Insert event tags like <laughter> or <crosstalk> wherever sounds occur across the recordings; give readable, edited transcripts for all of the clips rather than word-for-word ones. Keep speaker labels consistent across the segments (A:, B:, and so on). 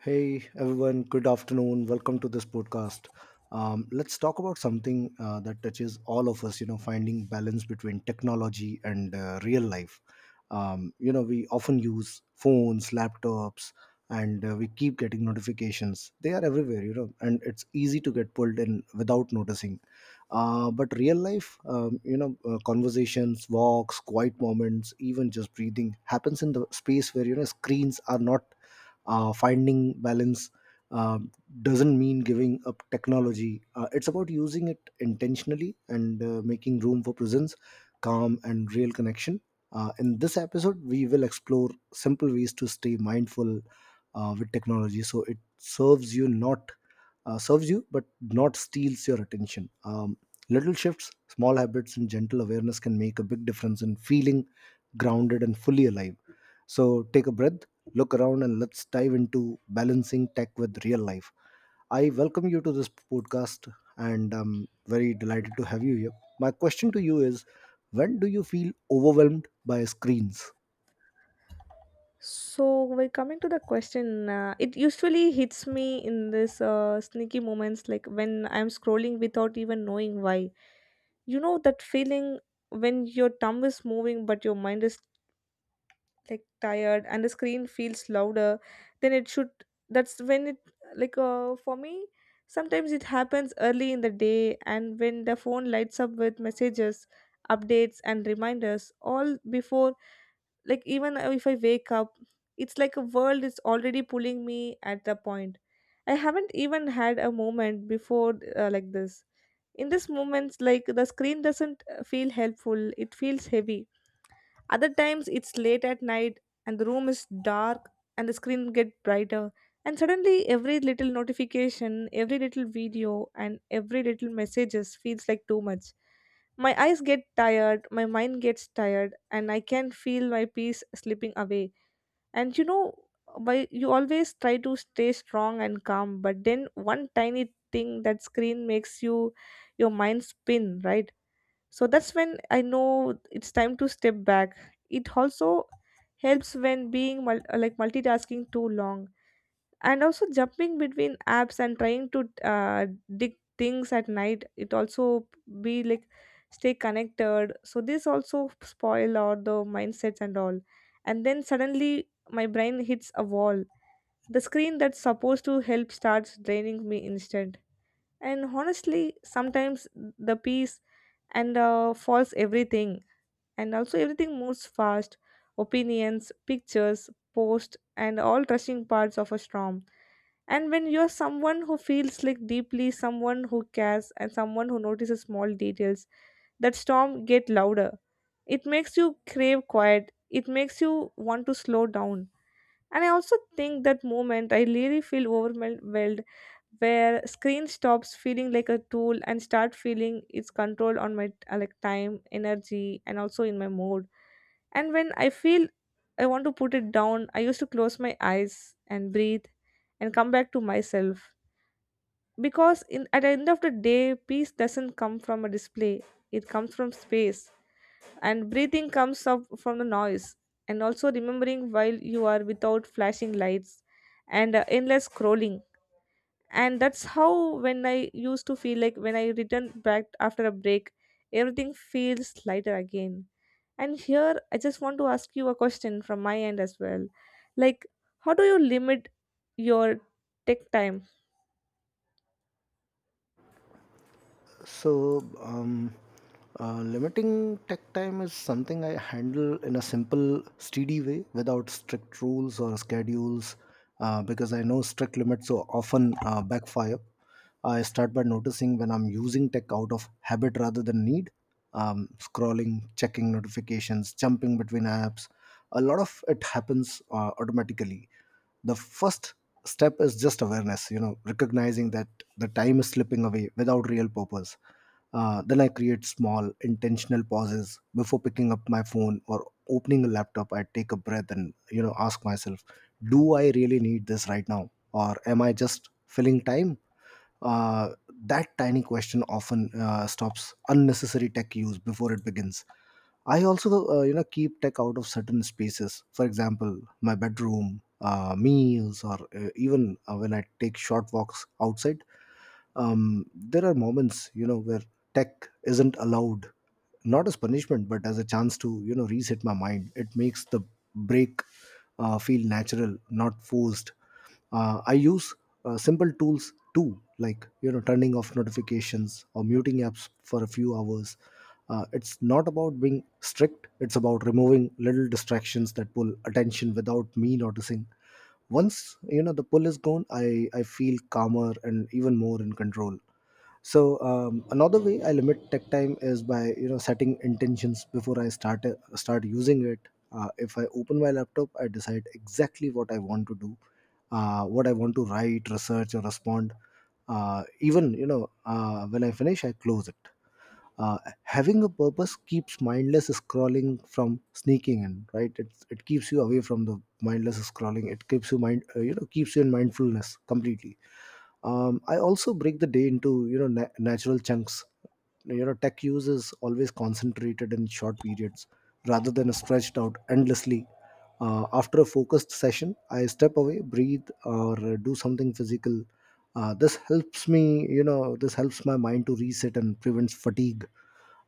A: Hey everyone, good afternoon. Welcome to this podcast. Let's talk about something that touches all of us. Finding balance between technology and real life. We often use phones, laptops, and we keep getting notifications. They are everywhere. And it's easy to get pulled in without noticing. But real life, conversations, walks, quiet moments, even just breathing happens in the space where screens are not. Finding balance um, doesn't mean giving up technology. It's about using it intentionally and making room for presence, calm, and real connection. In this episode we will explore simple ways to stay mindful with technology, so it serves you but not steals your attention. Little shifts, small habits, and gentle awareness can make a big difference in feeling grounded and fully alive. So take a breath, look around, and let's dive into balancing tech with real life. I welcome you to this podcast, and I'm very delighted to have you here. My question to you is, when do you feel overwhelmed by screens?
B: So when coming to the question, it usually hits me in this sneaky moments, like when I'm scrolling without even knowing why. You know that feeling when your thumb is moving but your mind is like tired and the screen feels louder than it should. That's when it for me. Sometimes it happens early in the day, and when the phone lights up with messages, updates, and reminders, all before like even if I wake up, it's like a world is already pulling me. At the point I haven't even had a moment before, like this, in this moments, like the screen doesn't feel helpful, it feels heavy. Other times it's late at night and the room is dark and the screen get brighter, and suddenly every little notification, every little video and every little messages feels like too much. My eyes get tired, my mind gets tired and I can feel my peace slipping away. And you know, by you always try to stay strong and calm, but then one tiny thing that screen makes you your mind spin, right? So that's when I know it's time to step back. It also helps when being like multitasking too long, and also jumping between apps and trying to dig things at night, it also be like stay connected, so this also spoil all the mindsets and all. And then suddenly my brain hits a wall, the screen that's supposed to help starts draining me instant. And honestly sometimes the peace and falls everything, and also everything moves fast, opinions, pictures, posts and all rushing parts of a storm. And when you're someone who feels like deeply, someone who cares and someone who notices small details, that storm get louder. It makes you crave quiet, it makes you want to slow down. And I also think that moment I really feel overwhelmed, where screen stops feeling like a tool and start feeling its control on my like time, energy and also in my mood. And when I feel I want to put it down, I used to close my eyes and breathe and come back to myself. Because in at the end of the day, peace doesn't come from a display. It comes from space, and breathing comes up from the noise, and also remembering while you are without flashing lights and endless scrolling. And that's how, when I used to feel, like when I return back after a break, everything feels lighter again. And here I just want to ask you a question from my end as well, like, how do you limit your tech time?
A: So, um, Limiting tech time is something I handle in a simple, steady way, without strict rules or schedules, because I know strict limits so often backfire. I start by noticing when I'm using tech out of habit rather than need: scrolling, checking notifications, jumping between apps. A lot of it happens automatically. The first step is just awareness, recognizing that the time is slipping away without real purpose. Then I create small intentional pauses before picking up my phone or opening a laptop. I take a breath and ask myself, do I really need this right now, or am I just filling time? uh, that tiny question often stops unnecessary tech use before it begins. I also keep tech out of certain spaces. For example, my bedroom, meals, or even when I take short walks outside. There are moments, where tech isn't allowed, not as punishment, but as a chance to reset my mind. It makes the break feel natural, not forced. I use simple tools too, like turning off notifications or muting apps for a few hours. It's not about being strict, it's about removing little distractions that pull attention without me noticing. Once the pull is gone, I feel calmer and even more in control. So another way I limit tech time is by setting intentions before I start using it. If I open my laptop, I decide exactly what I want to do, what I want to write, research, or respond. Even when I finish, I close it. uh, Having a purpose keeps mindless scrolling from sneaking in, right? It keeps you away from the mindless scrolling. It keeps you mind— keeps you in mindfulness completely. I also break the day into natural chunks. Tech use is always concentrated in short periods rather than stretched out endlessly. After a focused session, I step away, breathe, or do something physical. This helps me— this helps my mind to reset and prevents fatigue.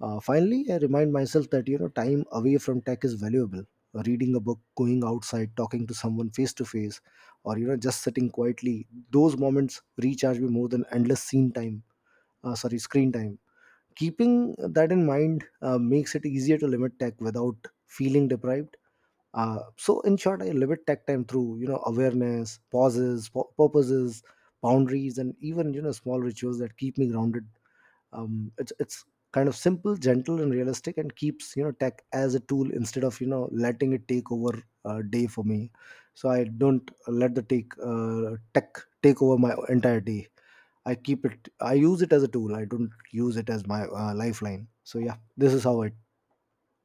A: Finally, I remind myself that, time away from tech is valuable. Reading a book, going outside, talking to someone face to face, or just sitting quietly. Those moments recharge me more than endless scene time. Sorry, screen time. Keeping that in mind makes it easier to limit tech without feeling deprived. So in short, I limit tech time through awareness, pauses, purposes, boundaries, and even small rituals that keep me grounded. It's kind of simple, gentle, and realistic, and keeps tech as a tool instead of letting it take over day for me. So I don't let the take tech take over my entire day. I keep it, I use it as a tool, I don't use it as my lifeline. So yeah, this is how I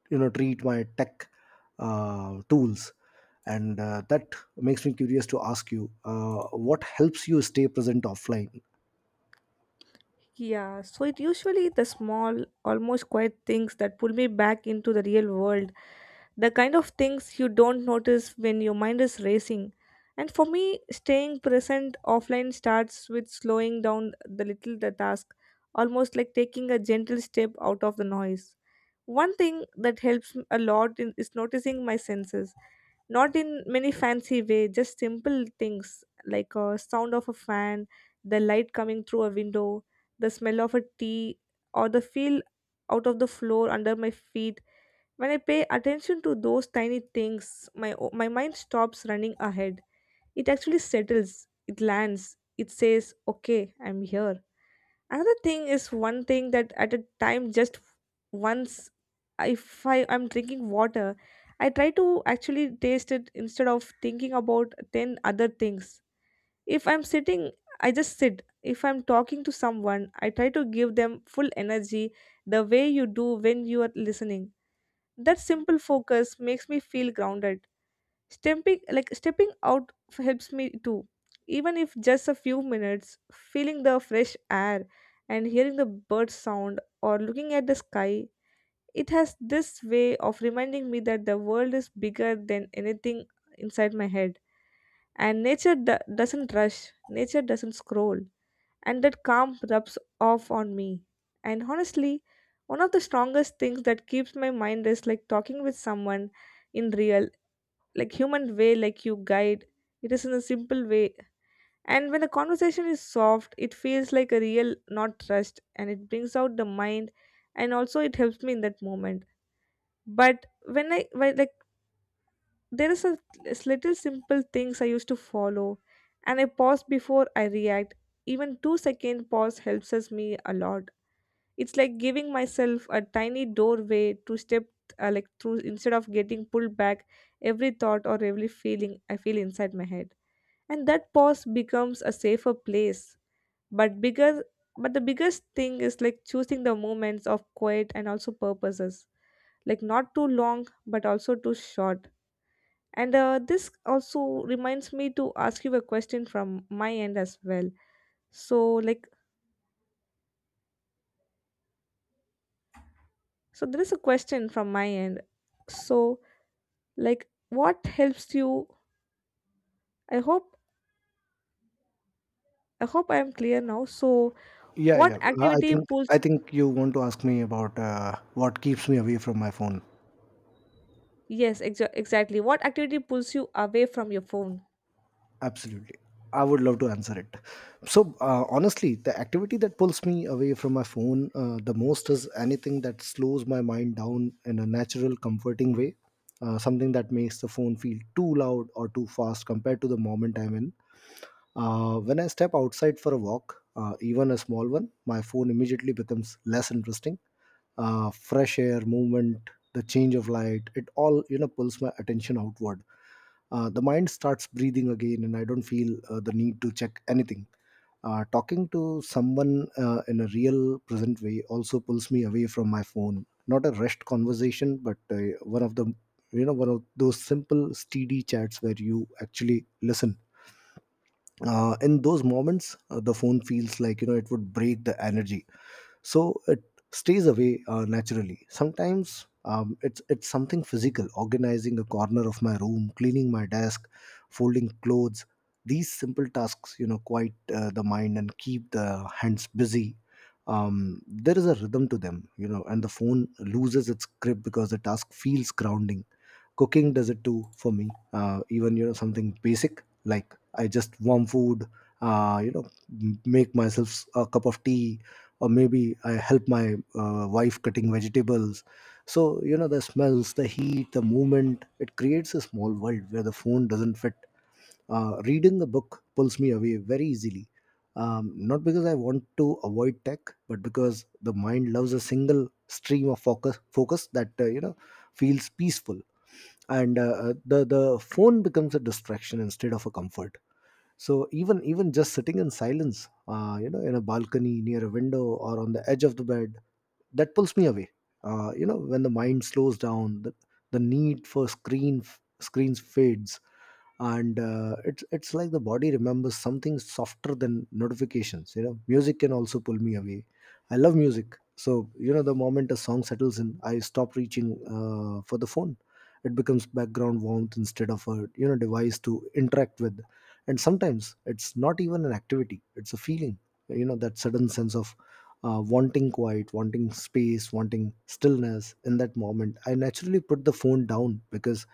A: treat my tech tools. And that makes me curious to ask you, what helps you stay present offline?
B: Yeah, so it usually the small, almost quiet things that pull me back into the real world. The kind of things you don't notice when your mind is racing. And for me, staying present offline starts with slowing down the little the task, almost like taking a gentle step out of the noise. One thing that helps a lot in, is noticing my senses, not in many fancy way, just simple things like a sound of a fan, the light coming through a window, the smell of a tea, or the feel out of the floor under my feet. When I pay attention to those tiny things, my mind stops running ahead. It actually settles, it lands, it says, "Okay, I'm here." Another thing is one thing that at a time, just once, if I'm drinking water, I try to actually taste it instead of thinking about 10 other things. If I'm sitting, I just sit. If I'm talking to someone, I try to give them full energy, the way you do when you are listening. That simple focus makes me feel grounded. Stepping out helps me too. Even if just a few minutes, feeling the fresh air and hearing the bird sound or looking at the sky, it has this way of reminding me that the world is bigger than anything inside my head. And doesn't rush, nature doesn't scroll, and that calm rubs off on me. And honestly, one of the strongest things that keeps my mind is like talking with someone in real, like human way, like you guide. It is in a simple way. And when the conversation is soft, it feels like a real, not rushed, and it brings out the mind, and also it helps me in that moment. But when I, when, like, there is a little simple things I used to follow, and I pause before I react. Even 2 second pause helps us me a lot. It's like giving myself a tiny doorway to step like through, instead of getting pulled back every thought or every feeling I feel inside my head. And that pause becomes a safer place. But bigger but the biggest thing is like choosing the moments of quiet and also purposes. Like not too long but also too short. And this also reminds me to ask you a question from my end as well. So like so there is a question from my end. So, like, what helps you? I hope, I hope I am clear now, so.
A: Yeah,
B: What
A: yeah. I
B: activity
A: think I
B: pulls,
A: think you want to ask me about what keeps me away from my phone.
B: yes, exactly, what activity pulls you away from your phone?
A: Absolutely. I would love to answer it. So, honestly, the activity that pulls me away from my phone the most is anything that slows my mind down in a natural, comforting way. Something that makes the phone feel too loud or too fast compared to the moment I'm in. When I step outside for a walk, even a small one, my phone immediately becomes less interesting. Fresh air, movement, the change of light, it all pulls my attention outward. The mind starts breathing again, and I don't feel the need to check anything. Talking to someone in a real, present way also pulls me away from my phone. Not a rushed conversation, but one of the you know one of those simple, steady chats where you actually listen. In those moments, the phone feels like it would break the energy, so it stays away naturally sometimes. It's something physical organizing a corner of my room, cleaning my desk, folding clothes. These simple tasks quiet the mind and keep the hands busy. There is a rhythm to them, and the phone loses its grip because the task feels grounding. Cooking does it too for me, even something basic like I just warm food, uh, you know make myself a cup of tea, or maybe I help my wife cutting vegetables. So The smells, the heat, the movement it creates a small world where the phone doesn't fit. Reading a book pulls me away very easily, not because I want to avoid tech but because the mind loves a single stream of focus that feels peaceful. And the phone becomes a distraction instead of a comfort. So even just sitting in silence, in a balcony near a window or on the edge of the bed that pulls me away. When the mind slows down, the need for screens fades, and it's like the body remembers something softer than notifications. Music can also pull me away. I love music, so the moment a song settles in, I stop reaching for the phone. It becomes background warmth instead of a device to interact with. And sometimes it's not even an activity, it's a feeling. That sudden sense of wanting quiet, wanting space, wanting stillness. In that moment I naturally put the phone down, because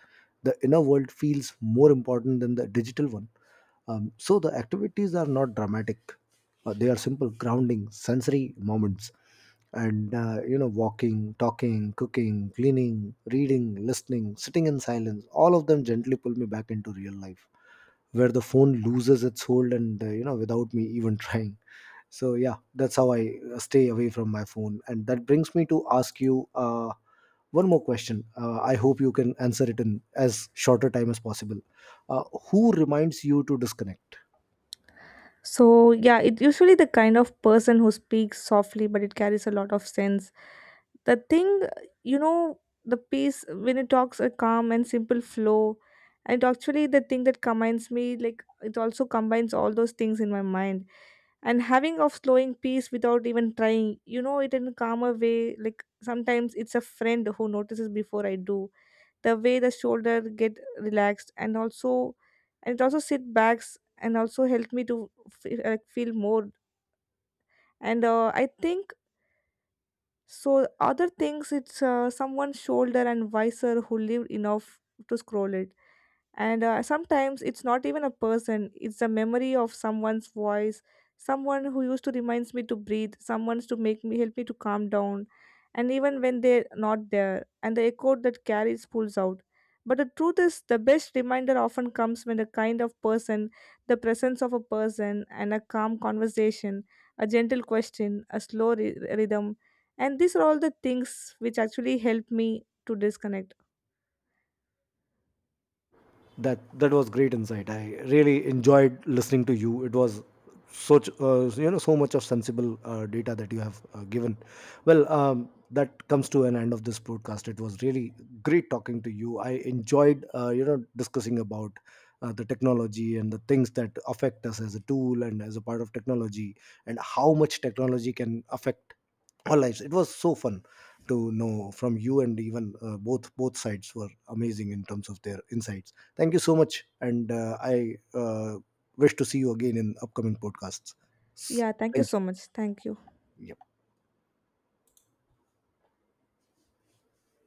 A: the inner world feels more important than the digital one. So the activities are not dramatic. They are simple, grounding, sensory moments. And walking, talking, cooking, cleaning, reading, listening, sitting in silence all of them gently pull me back into real life, where the phone loses its hold, and without me even <laughs> trying. So yeah, that's how I stay away from my phone. And that brings me to ask you one more question. I hope you can answer it in as shorter time as possible. uh, who reminds you to disconnect?
B: So yeah, it's usually the kind of person who speaks softly, but it carries a lot of sense. The thing, you know, the piece when it talks a calm and simple flow, and actually the thing that combines me, like it also combines all those things in my mind. And having of slowing peace without even trying, you know, it in a calmer way. Like sometimes it's a friend who notices before I do, the way the shoulder get relaxed, and also and it also sit backs and also help me to feel, like feel more. And I think so other things it's someone's shoulder and visor who lived enough to scroll it. And sometimes it's not even a person, it's a memory of someone's voice, someone who used to reminds me to breathe, someone's to make me help me to calm down. And even when they're not there, and the echo that carries pulls out. But the truth is, the best reminder often comes when the kind of person, the presence of a person, and a calm conversation, a gentle question, a slow rhythm. And these are all the things which actually help me to disconnect.
A: That was great insight. I really enjoyed listening to you. It was such— so much of sensible data that you have given. Well, that comes to an end of this broadcast. It was really great talking to you. I enjoyed discussing about the technology and the things that affect us as a tool and as a part of technology, and how much technology can affect our lives. It was so fun to know from you, and even both sides were amazing in terms of their insights. Thank you so much, and I wish to see you again in upcoming podcasts.
B: Yeah, thank you
A: Thank
B: so
A: you.
B: much. Thank you.
A: Yeah.